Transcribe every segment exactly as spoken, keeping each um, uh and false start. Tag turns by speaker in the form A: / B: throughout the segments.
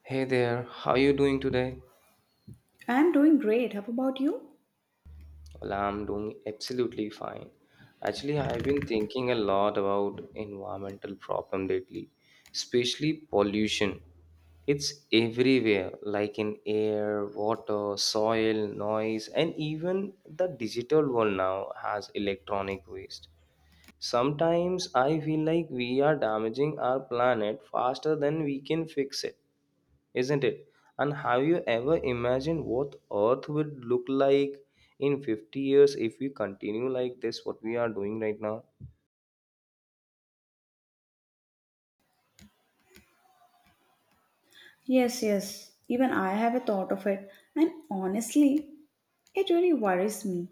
A: Hey there, how are you doing today?
B: I'm doing great. How about you?
A: Well, I'm doing absolutely fine. Actually, I've been thinking a lot about environmental problem lately, especially pollution. It's everywhere, like in air, water, soil, noise, and even the digital world now has electronic waste. Sometimes I feel like we are damaging our planet faster than we can fix it, isn't it? And have you ever imagined what Earth would look like in fifty years if we continue like this, what we are doing right now?
B: Yes, yes. Even I have a thought of it. And honestly, it really worries me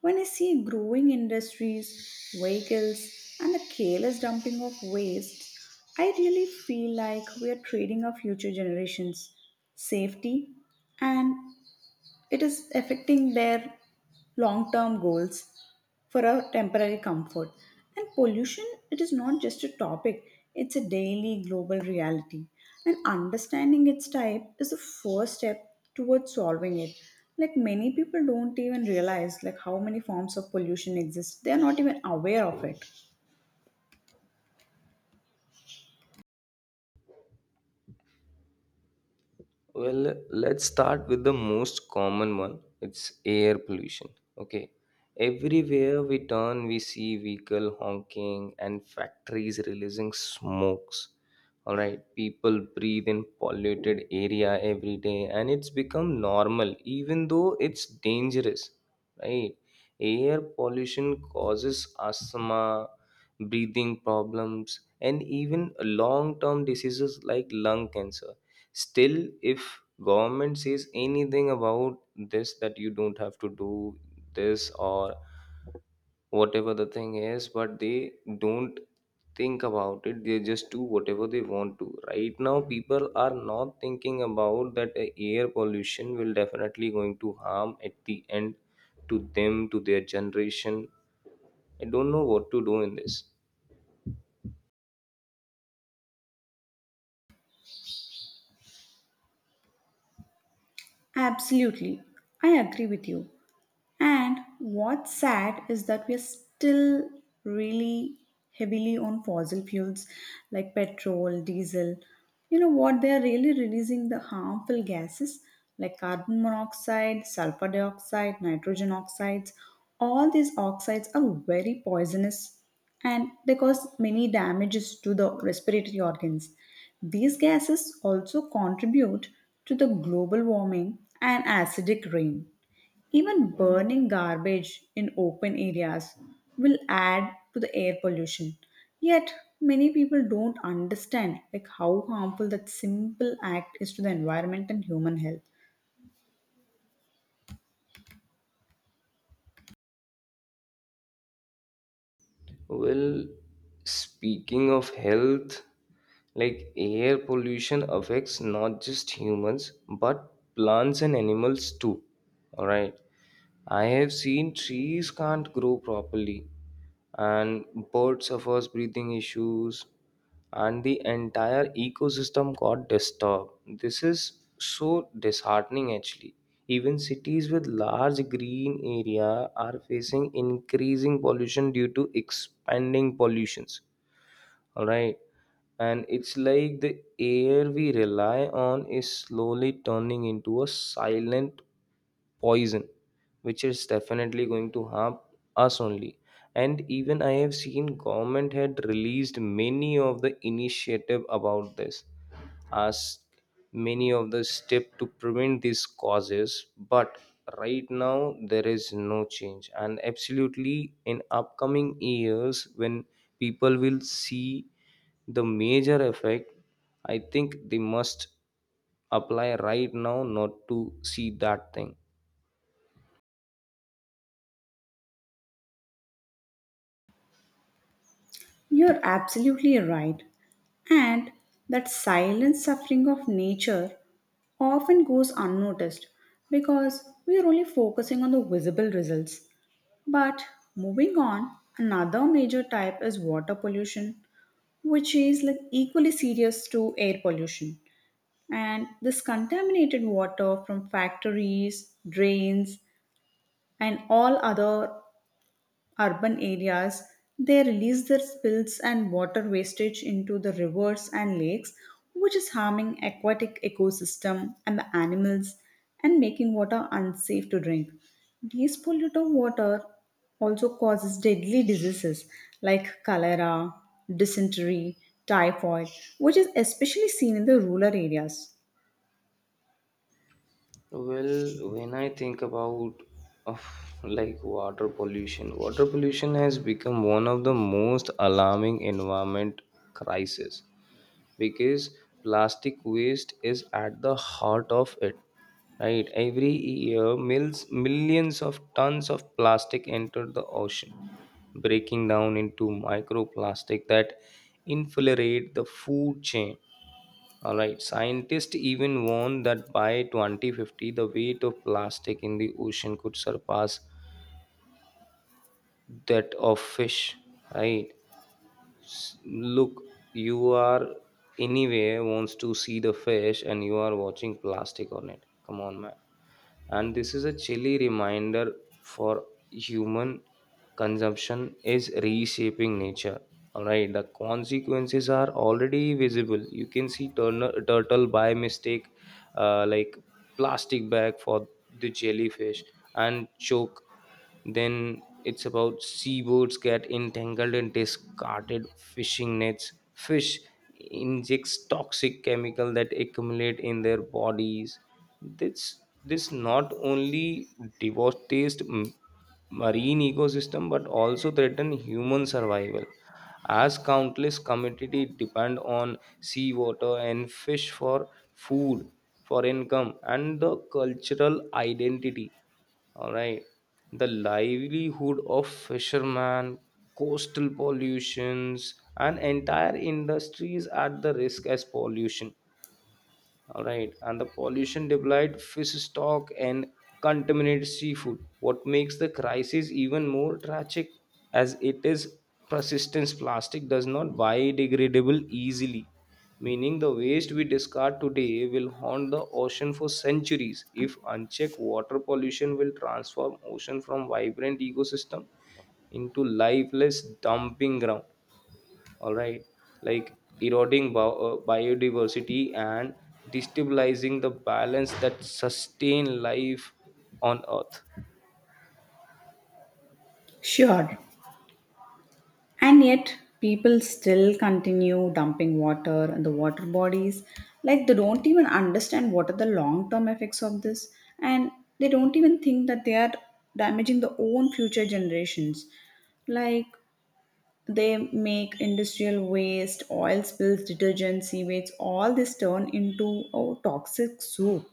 B: when I see growing industries, vehicles, and the careless dumping of waste. I really feel like we are trading our future generations' safety, and it is affecting their long term goals for a temporary comfort. And pollution, it is not just a topic, it's a daily global reality. And understanding its type is the first step towards solving it. Like, many people don't even realize like how many forms of pollution exist. They are not even aware of it.
A: Well, let's start with the most common one. It's air pollution. Okay. Everywhere we turn, we see vehicle honking and factories releasing smokes. All right. People breathe in polluted area every day and it's become normal, even though it's dangerous. Right. Air pollution causes asthma, breathing problems, and even long term diseases like lung cancer. Still, if government says anything about this that you don't have to do this or whatever the thing is, but they don't think about it. They just do whatever they want to. Right now, people are not thinking about that uh, air pollution will definitely going to harm at the end to them, to their generation. I don't know what to do in this.
B: Absolutely, I agree with you. And what's sad is that we're still really heavily on fossil fuels like petrol, diesel. You know what? They're really releasing the harmful gases like carbon monoxide, sulfur dioxide, nitrogen oxides. All these oxides are very poisonous, and they cause many damages to the respiratory organs. These gases also contribute to the global warming and acidic rain. Even burning garbage in open areas will add to the air pollution. Yet, many people don't understand like how harmful that simple act is to the environment and human health.
A: Well, speaking of health, like air pollution affects not just humans but plants and animals too. All right. I have seen trees can't grow properly, and birds suffers breathing issues, and the entire ecosystem got disturbed. This is so disheartening, actually. Even cities with large green area are facing increasing pollution due to expanding pollutions. All right, and it's like the air we rely on is slowly turning into a silent poison which is definitely going to harm us only. And even I have seen government had released many of the initiative about this, as many of the step to prevent these causes, but right now there is no change, and absolutely in upcoming years when people will see the major effect, I think they must apply right now, not to see that thing.
B: You're absolutely right. And that silent suffering of nature often goes unnoticed because we are only focusing on the visible results. But moving on, another major type is water pollution, which is like equally serious to air pollution. And this contaminated water from factories, drains, and all other urban areas, they release their spills and water wastage into the rivers and lakes, which is harming aquatic ecosystem and the animals and making water unsafe to drink. These polluted water also causes deadly diseases like cholera, dysentery, typhoid, which is especially seen in the rural areas.
A: Well, when I think about of like water pollution, water pollution has become one of the most alarming environment crisis because plastic waste is at the heart of it. Right, every year, mils, millions of tons of plastic enter the ocean, breaking down into microplastic that infiltrate the food chain. All right, scientists even warned that by twenty fifty, the weight of plastic in the ocean could surpass that of fish. Right? S- Look, you are anywhere wants to see the fish, and you are watching plastic on it. Come on, man. And this is a chilly reminder for human consumption is reshaping nature. All right, the consequences are already visible. You can see turner, turtle by mistake uh, like plastic bag for the jellyfish and choke. Then it's about seabirds get entangled in discarded fishing nets. Fish injects toxic chemical that accumulate in their bodies. This this not only devastates m- marine ecosystem but also threaten human survival as countless communities depend on seawater and fish for food, for income, and the cultural identity. All right. The livelihood of fishermen, coastal pollutions, and entire industries at the risk as pollution. All right, and the pollution depleted fish stock and contaminated seafood, what makes the crisis even more tragic as it is persistence plastic does not biodegradable easily, meaning the waste we discard today will haunt the ocean for centuries. If unchecked, water pollution will transform ocean from vibrant ecosystem into lifeless dumping ground. All right, like eroding bio- uh, biodiversity and destabilizing the balance that sustain life on earth.
B: Sure. And yet, people still continue dumping water in the water bodies. Like, they don't even understand what are the long term effects of this, and they don't even think that they are damaging their own future generations. Like, they make industrial waste, oil spills, detergent, seaways, all this turn into a toxic soup.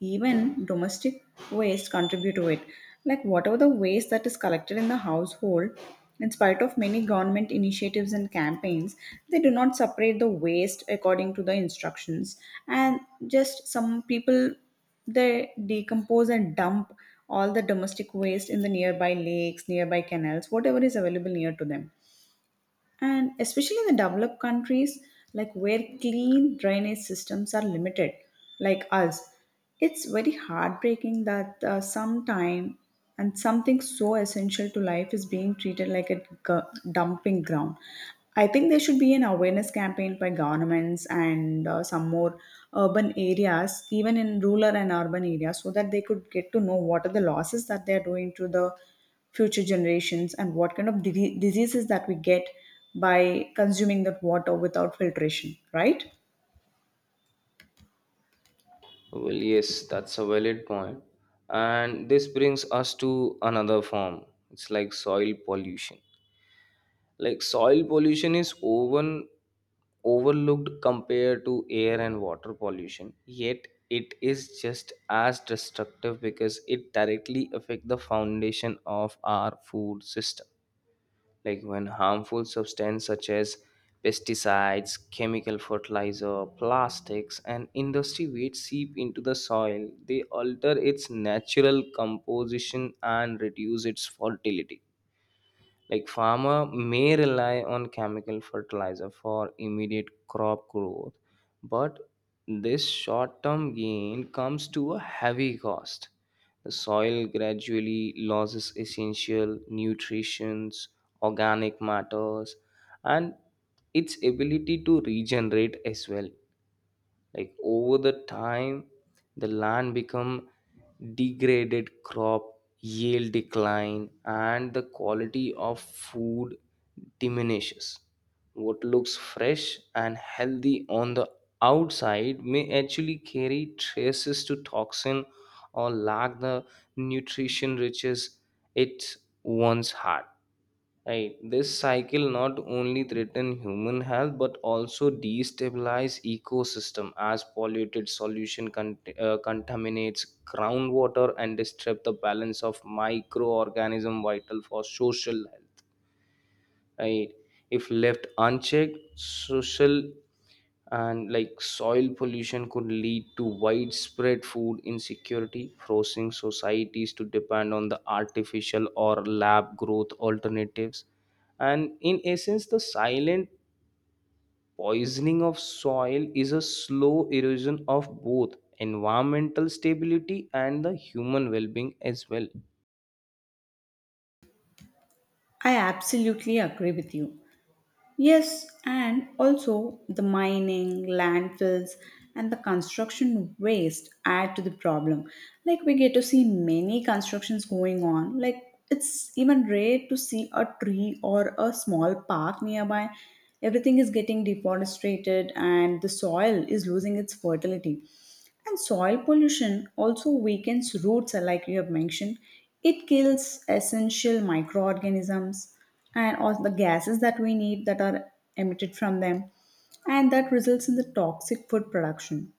B: Even domestic waste contribute to it, like whatever the waste that is collected in the household. In spite of many government initiatives and campaigns, they do not separate the waste according to the instructions. And just some people, they decompose and dump all the domestic waste in the nearby lakes, nearby canals, whatever is available near to them. And especially in the developed countries, like where clean drainage systems are limited, like us, it's very heartbreaking that uh, some time, and something so essential to life is being treated like a gu- dumping ground. I think there should be an awareness campaign by governments and uh, some more urban areas, even in rural and urban areas, so that they could get to know what are the losses that they are doing to the future generations, and what kind of di- diseases that we get by consuming that water without filtration, right?
A: Well, yes, that's a valid point, and this brings us to another form. It's like soil pollution. Like soil pollution is over overlooked compared to air and water pollution, yet it is just as destructive because it directly affect the foundation of our food system. Like when harmful substances such as pesticides, chemical fertilizer, plastics, and industry waste seep into the soil, they alter its natural composition and reduce its fertility. Like farmer may rely on chemical fertilizer for immediate crop growth, but this short-term gain comes to a heavy cost. The soil gradually loses essential nutrients, organic matters, and its ability to regenerate as well. Like over the time, the land become degraded, crop yield decline, and the quality of food diminishes. What looks fresh and healthy on the outside may actually carry traces to toxin or lack the nutrition riches it once had. Right. This cycle not only threaten human health but also destabilize ecosystem as polluted solution con- uh, contaminates groundwater and disrupt the balance of microorganism vital for social health. Right. If left unchecked, social and like soil pollution could lead to widespread food insecurity, forcing societies to depend on the artificial or lab growth alternatives. And in essence, the silent poisoning of soil is a slow erosion of both environmental stability and the human well-being as well.
B: I absolutely agree with you. Yes, and also the mining, landfills, and the construction waste add to the problem. Like, we get to see many constructions going on. Like, it's even rare to see a tree or a small park nearby. Everything is getting deforested, and the soil is losing its fertility. And soil pollution also weakens roots, uh, like you have mentioned. It kills essential microorganisms and all the gases that we need that are emitted from them, and that results in the toxic food production.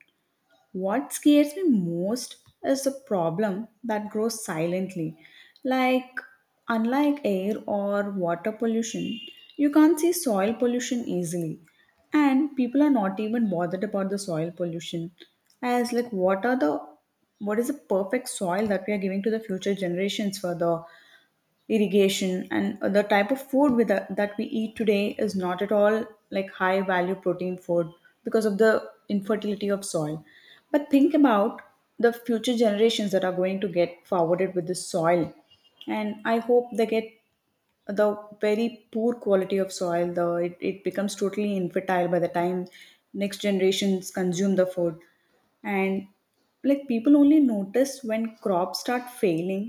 B: What scares me most is the problem that grows silently. Like, unlike air or water pollution, you can't see soil pollution easily. And people are not even bothered about the soil pollution. As like what are the what is the perfect soil that we are giving to the future generations for the irrigation, and the type of food with that that we eat today is not at all like high value protein food because of the infertility of soil. But think about the future generations that are going to get forwarded with the soil. And I hope they get the very poor quality of soil. The it, it becomes totally infertile by the time next generations consume the food. And like, people only notice when crops start failing.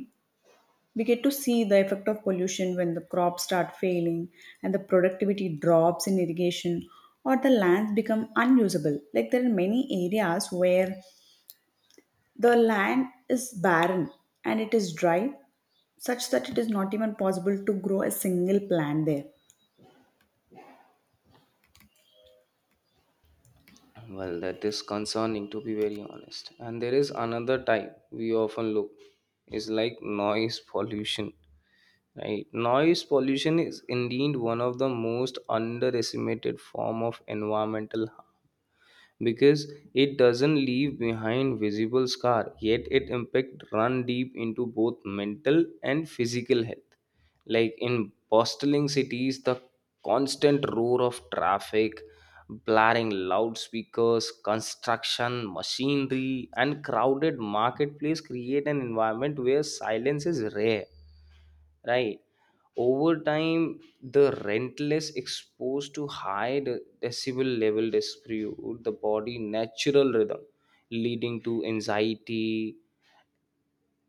B: We get to see the effect of pollution when the crops start failing and the productivity drops in irrigation, or the lands become unusable. Like, there are many areas where the land is barren and it is dry such that it is not even possible to grow a single plant there.
A: Well, that is concerning, to be very honest, and there is another type we often look is like noise pollution. Right. Noise pollution is indeed one of the most underestimated form of environmental harm because it doesn't leave behind visible scar, yet it impact run deep into both mental and physical health. Like in bustling cities, the constant roar of traffic, blaring loudspeakers, construction, machinery, and crowded marketplace create an environment where silence is rare. Right, over time the rentless exposed to high de- decibel level dispute the body natural rhythm, leading to anxiety,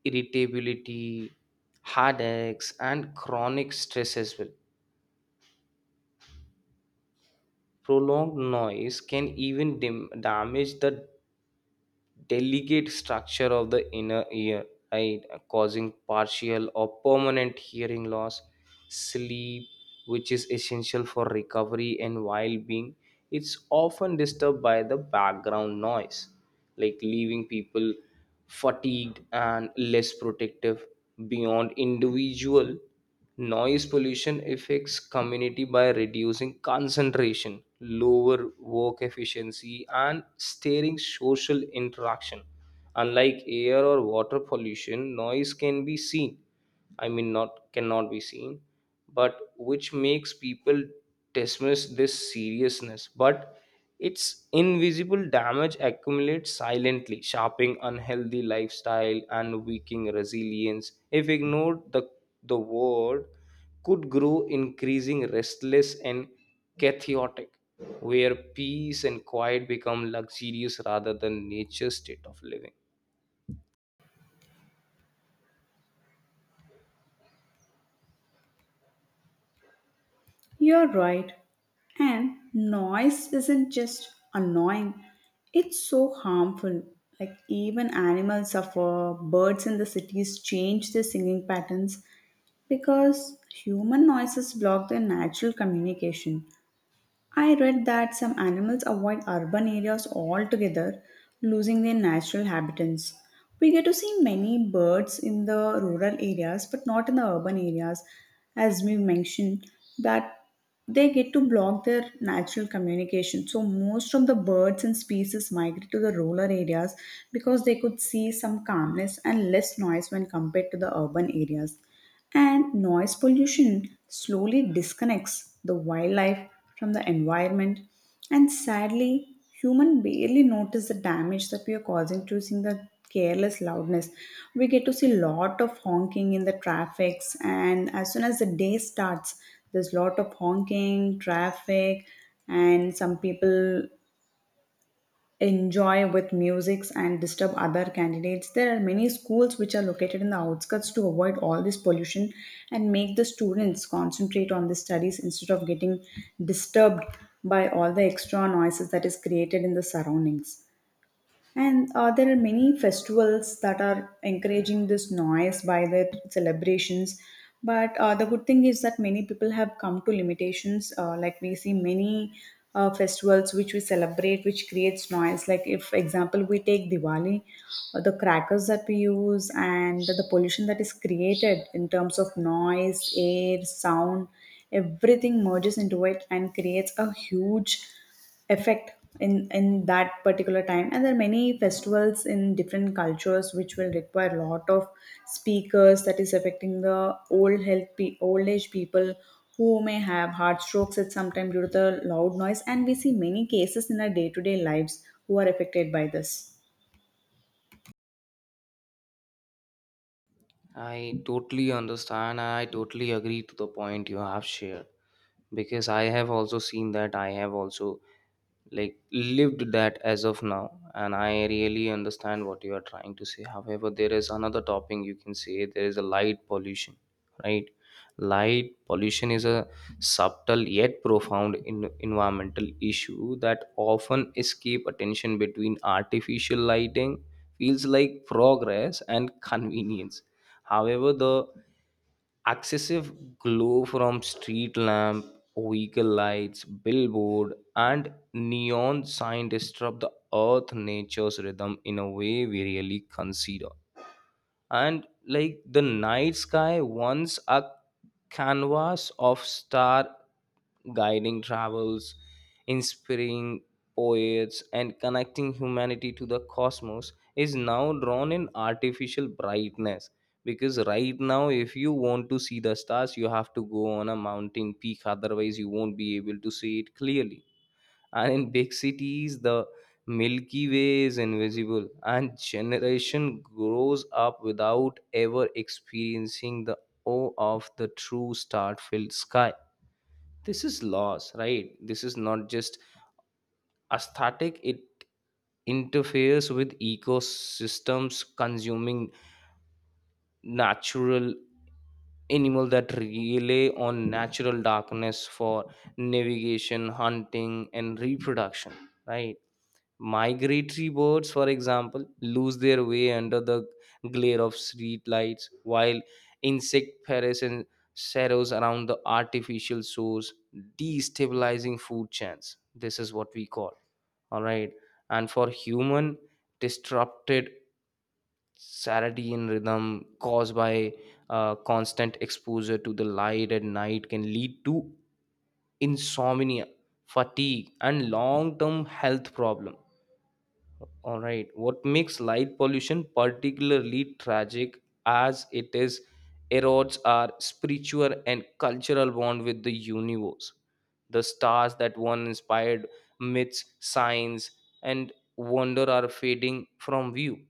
A: irritability, headaches, and chronic stress as well. Prolonged noise can even dim- damage the delicate structure of the inner ear, right, causing partial or permanent hearing loss. Sleep, which is essential for recovery and well being, it's often disturbed by the background noise, like leaving people fatigued and less protective. Beyond individual, noise pollution affects community by reducing concentration, lower work efficiency, and steering social interaction. Unlike air or water pollution, noise can be seen, I mean not cannot be seen, but which makes people dismiss this seriousness. But its invisible damage accumulates silently, shaping unhealthy lifestyle and weakening resilience. If ignored, the the word could grow increasing restless and chaotic, where peace and quiet become luxurious rather than nature's state of living.
B: You're right. And noise isn't just annoying, it's so harmful. Like, even animals suffer. Birds in the cities change their singing patterns because human noises block their natural communication. I read that some animals avoid urban areas altogether, losing their natural habitats. We get to see many birds in the rural areas, but not in the urban areas, as we mentioned, that they get to block their natural communication. So, most of the birds and species migrate to the rural areas because they could see some calmness and less noise when compared to the urban areas. And noise pollution slowly disconnects the wildlife from the environment. And sadly, human barely notice the damage that we are causing, choosing the careless loudness. We get to see lot of honking in the traffics, and as soon as the day starts, there's lot of honking, traffic, and some people enjoy with musics and disturb other candidates. There are many schools which are located in the outskirts to avoid all this pollution and make the students concentrate on the studies instead of getting disturbed by all the extra noises that is created in the surroundings. And uh, there are many festivals that are encouraging this noise by their celebrations. But uh, the good thing is that many people have come to limitations. Uh, like, we see many uh, festivals which we celebrate, which creates noise. Like if, for example, we take Diwali, uh, the crackers that we use and the pollution that is created in terms of noise, air, sound, everything merges into it and creates a huge effect in in that particular time. And there are many festivals in different cultures which will require a lot of speakers that is affecting the old health pe- old age people who may have heart strokes at some time due to the loud noise. And we see many cases in our day-to-day lives who are affected by this.
A: I totally understand. I totally agree to the point you have shared because I have also seen that. I have also like lived that as of now, and I really understand what you are trying to say. However, there is another topping, you can say there is a light pollution. Right. Light pollution is a subtle yet profound in- environmental issue that often escape attention between artificial lighting feels like progress and convenience. However, the excessive glow from street lamp, vehicle lights, billboard, and neon sign disrupt the earth nature's rhythm in a way we really consider. And like the night sky, once a canvas of star guiding travels, inspiring poets, and connecting humanity to the cosmos, is now drawn in artificial brightness, because right now if you want to see the stars you have to go on a mountain peak, otherwise you won't be able to see it clearly. And in big cities, the milky way is invisible, and generation grows up without ever experiencing the awe of the true star-filled sky. This is loss, right? This is not just aesthetic. It interferes with ecosystems, consuming natural animal that rely on natural darkness for navigation, hunting, and reproduction. Right. Migratory birds, for example, lose their way under the glare of street lights, while insect parasites and around the artificial source, destabilizing food chains. This is what we call. All right. And for human, disrupted circadian rhythm caused by uh, constant exposure to the light at night can lead to insomnia, fatigue, and long-term health problem. All right. What makes light pollution particularly tragic as it is erodes our spiritual and cultural bond with the universe. The stars that once inspired myths, science, and wonder are fading from view.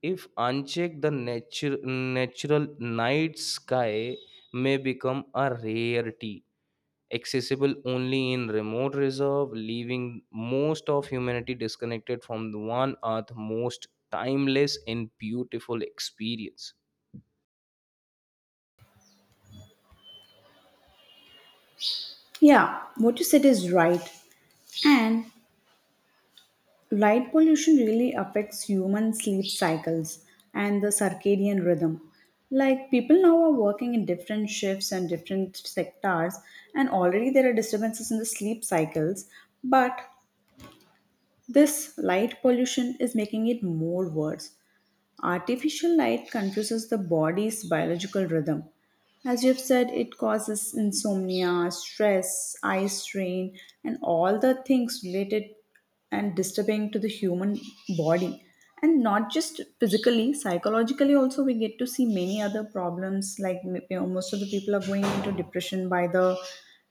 A: If unchecked, the nature, natural night sky may become a rarity accessible only in remote reserve, leaving most of humanity disconnected from the one earth most timeless and beautiful experience.
B: Yeah, what you said is right. And light pollution really affects human sleep cycles and the circadian rhythm. Like, people now are working in different shifts and different sectors, and already there are disturbances in the sleep cycles. But this light pollution is making it more worse. Artificial light confuses the body's biological rhythm. As you've said, it causes insomnia, stress, eye strain, and all the things related and disturbing to the human body. And not just physically, psychologically, also, we get to see many other problems. Like, you know, most of the people are going into depression by the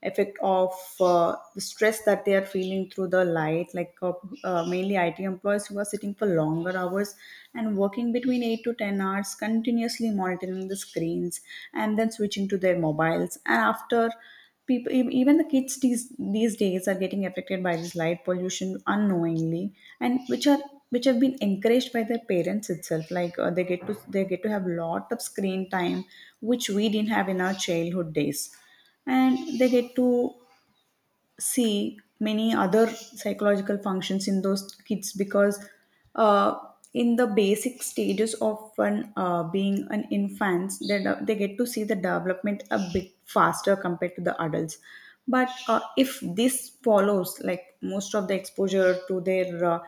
B: effect of uh, the stress that they are feeling through the light, like uh, uh, mainly it employees who are sitting for longer hours and working between eight to ten hours continuously monitoring the screens, and then switching to their mobiles, and after people e- even the kids these these days are getting affected by this light pollution unknowingly, and which are which have been encouraged by their parents itself. Like, uh, they get to they get to have lot of screen time which we didn't have in our childhood days. And they get to see many other psychological functions in those kids because uh, in the basic stages of an uh, being an infant, they, they get to see the development a bit faster compared to the adults. But uh, if this follows, like, most of the exposure to their uh,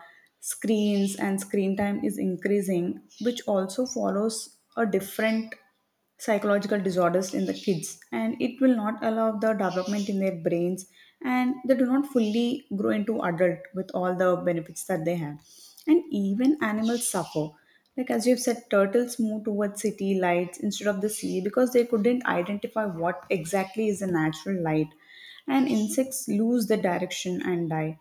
B: screens and screen time is increasing, which also follows a different psychological disorders in the kids, and it will not allow the development in their brains, and they do not fully grow into adult with all the benefits that they have. And even animals suffer, like as you've said, turtles move towards city lights instead of the sea because they couldn't identify what exactly is the natural light. And insects lose their direction and die.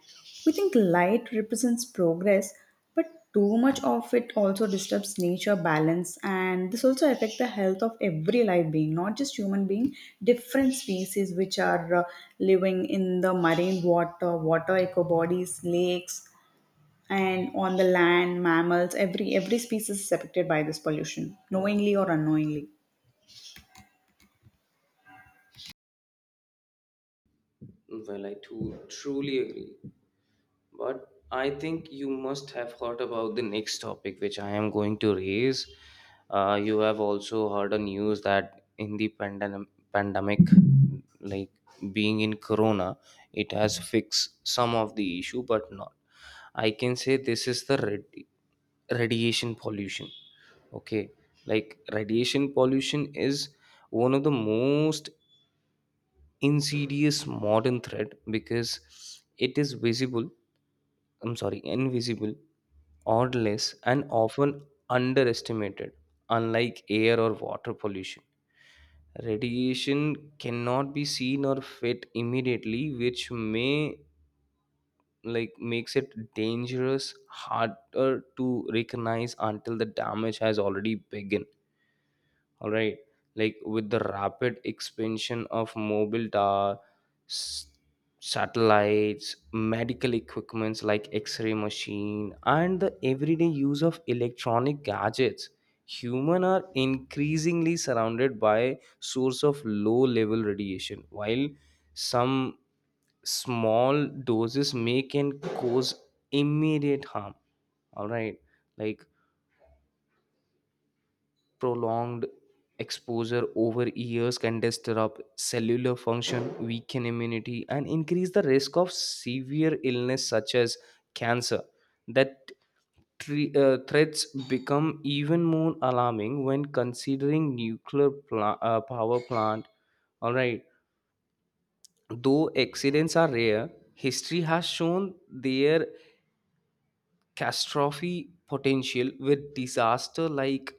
B: We think light represents progress, but too much of it also disturbs nature balance. And this also affect the health of every live being, not just human being. Different species which are uh, living in the marine water, water eco bodies, lakes, and on the land, mammals, every every species is affected by this pollution, knowingly or unknowingly.
A: Well, I too truly agree. But I think you must have heard about the next topic which I am going to raise. Uh, you have also heard a news that in the pandem- pandemic, like being in Corona, it has fixed some of the issue, but not. I can say this is the radi- radiation pollution. Okay, like radiation pollution is one of the most insidious modern threat because it is visible, I'm sorry, invisible, odorless, and often underestimated. Unlike air or water pollution, radiation cannot be seen or felt immediately, which may like makes it dangerous, harder to recognize until the damage has already begun. All right, like with the rapid expansion of mobile tower, s- satellites, medical equipments like x-ray machine, and the everyday use of electronic gadgets, human are increasingly surrounded by source of low level radiation. While some small doses may can cause immediate harm, all right, like prolonged exposure over years can disrupt cellular function, weaken immunity, and increase the risk of severe illness such as cancer. That tre- uh, threats become even more alarming when considering nuclear pla- uh, power plant. All right, though accidents are rare, history has shown their catastrophe potential with disaster like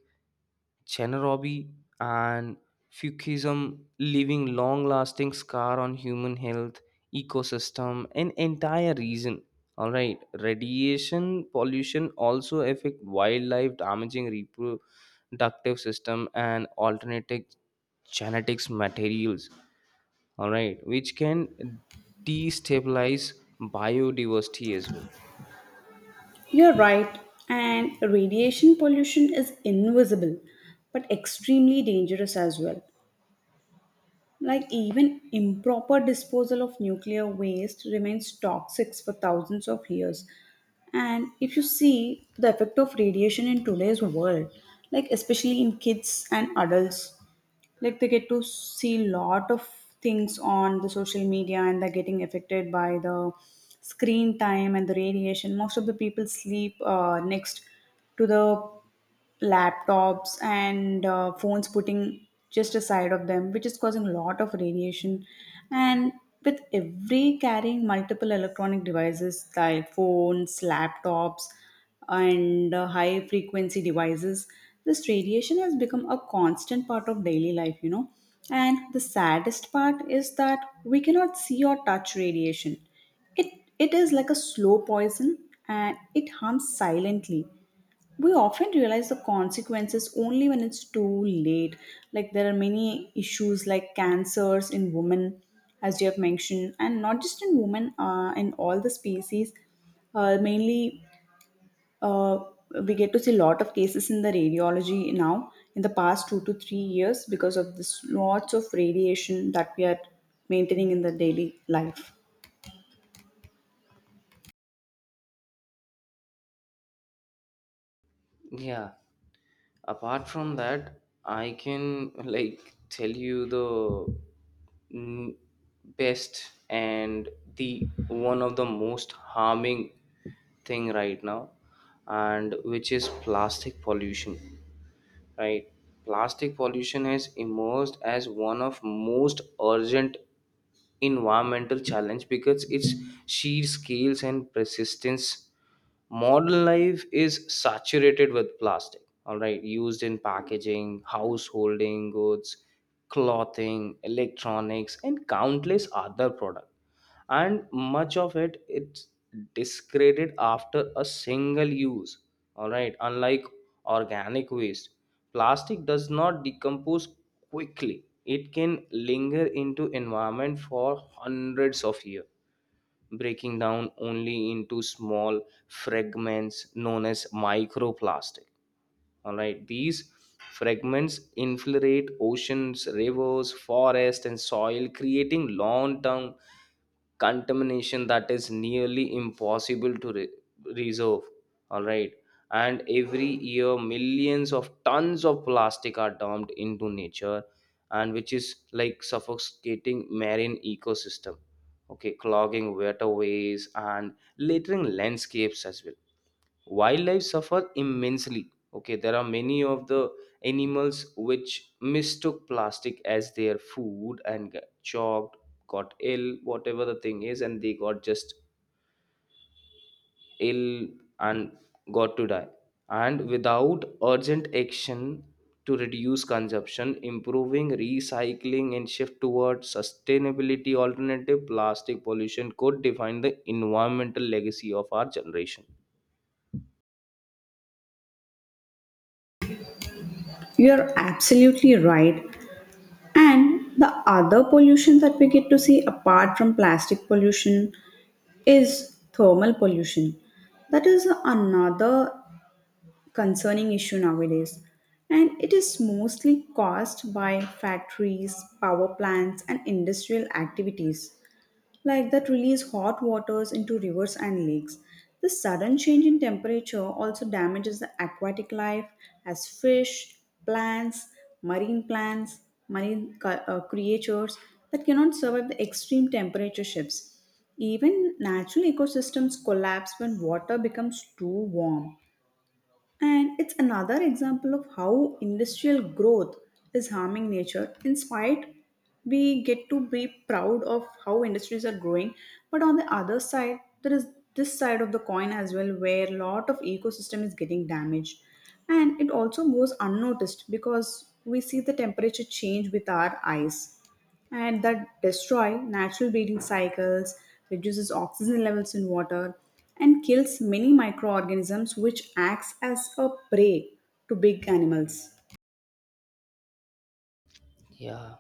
A: Chernobyl and Fukushima leaving long lasting scar on human health, ecosystem, and entire region. All right, radiation pollution also affect wildlife, damaging reproductive system and alternative genetics materials. All right, which can destabilize biodiversity as well.
B: You're right. And radiation pollution is invisible but extremely dangerous as well. Like, even improper disposal of nuclear waste remains toxic for thousands of years. And if you see the effect of radiation in today's world, like, especially in kids and adults, like, they get to see lot of things on the social media, and they're getting affected by the screen time and the radiation. Most of the people sleep uh, next to the laptops and uh, phones, putting just aside of them, which is causing a lot of radiation. And with every carrying multiple electronic devices like phones, laptops, and uh, high frequency devices, this radiation has become a constant part of daily life, you know. And the saddest part is that we cannot see or touch radiation. It it is like a slow poison, and it harms silently. We often realize the consequences only when it's too late. Like, there are many issues like cancers in women, as you have mentioned, and not just in women, uh, in all the species. Uh, mainly uh, we get to see a lot of cases in the radiology now in the past two to three years because of this lots of radiation that we are maintaining in the daily life.
A: Yeah. Apart from that, I can like tell you the mm, best and the one of the most harming thing right now, and which is plastic pollution. Right. Plastic pollution has emerged as one of most urgent environmental challenge because its sheer scales and persistence. Modern life is saturated with plastic, all right, used in packaging, householding goods, clothing, electronics, and countless other products, and much of it it's discarded after a single use. All right, unlike organic waste, plastic does not decompose quickly. It can linger into environment for hundreds of years, breaking down only into small fragments known as microplastic. All right, these fragments infiltrate oceans, rivers, forest, and soil, creating long-term contamination that is nearly impossible to re- reserve. All right, and every year millions of tons of plastic are dumped into nature, and which is like suffocating marine ecosystem, okay, clogging waterways and littering landscapes as well. Wildlife suffer immensely. Okay, there are many of the animals which mistook plastic as their food and got choked, got ill, whatever the thing is, and they got just ill and got to die. And without urgent action to reduce consumption, improving recycling, and shift towards sustainability alternative, plastic pollution could define the environmental legacy of our generation.
B: You're absolutely right. And the other pollution that we get to see apart from plastic pollution is thermal pollution. That is another concerning issue nowadays. And it is mostly caused by factories, power plants, and industrial activities like that release hot waters into rivers and lakes. This sudden change in temperature also damages the aquatic life, as fish, plants, marine plants, marine cu- uh, creatures that cannot survive the extreme temperature shifts. Even natural ecosystems collapse when water becomes too warm. And it's another example of how industrial growth is harming nature. In spite, we get to be proud of how industries are growing, but on the other side, there is this side of the coin as well where a lot of ecosystem is getting damaged. And it also goes unnoticed because we see the temperature change with our eyes, and that destroy natural breeding cycles, reduces oxygen levels in water, and kills many microorganisms which acts as a prey to big animals.
A: Yeah,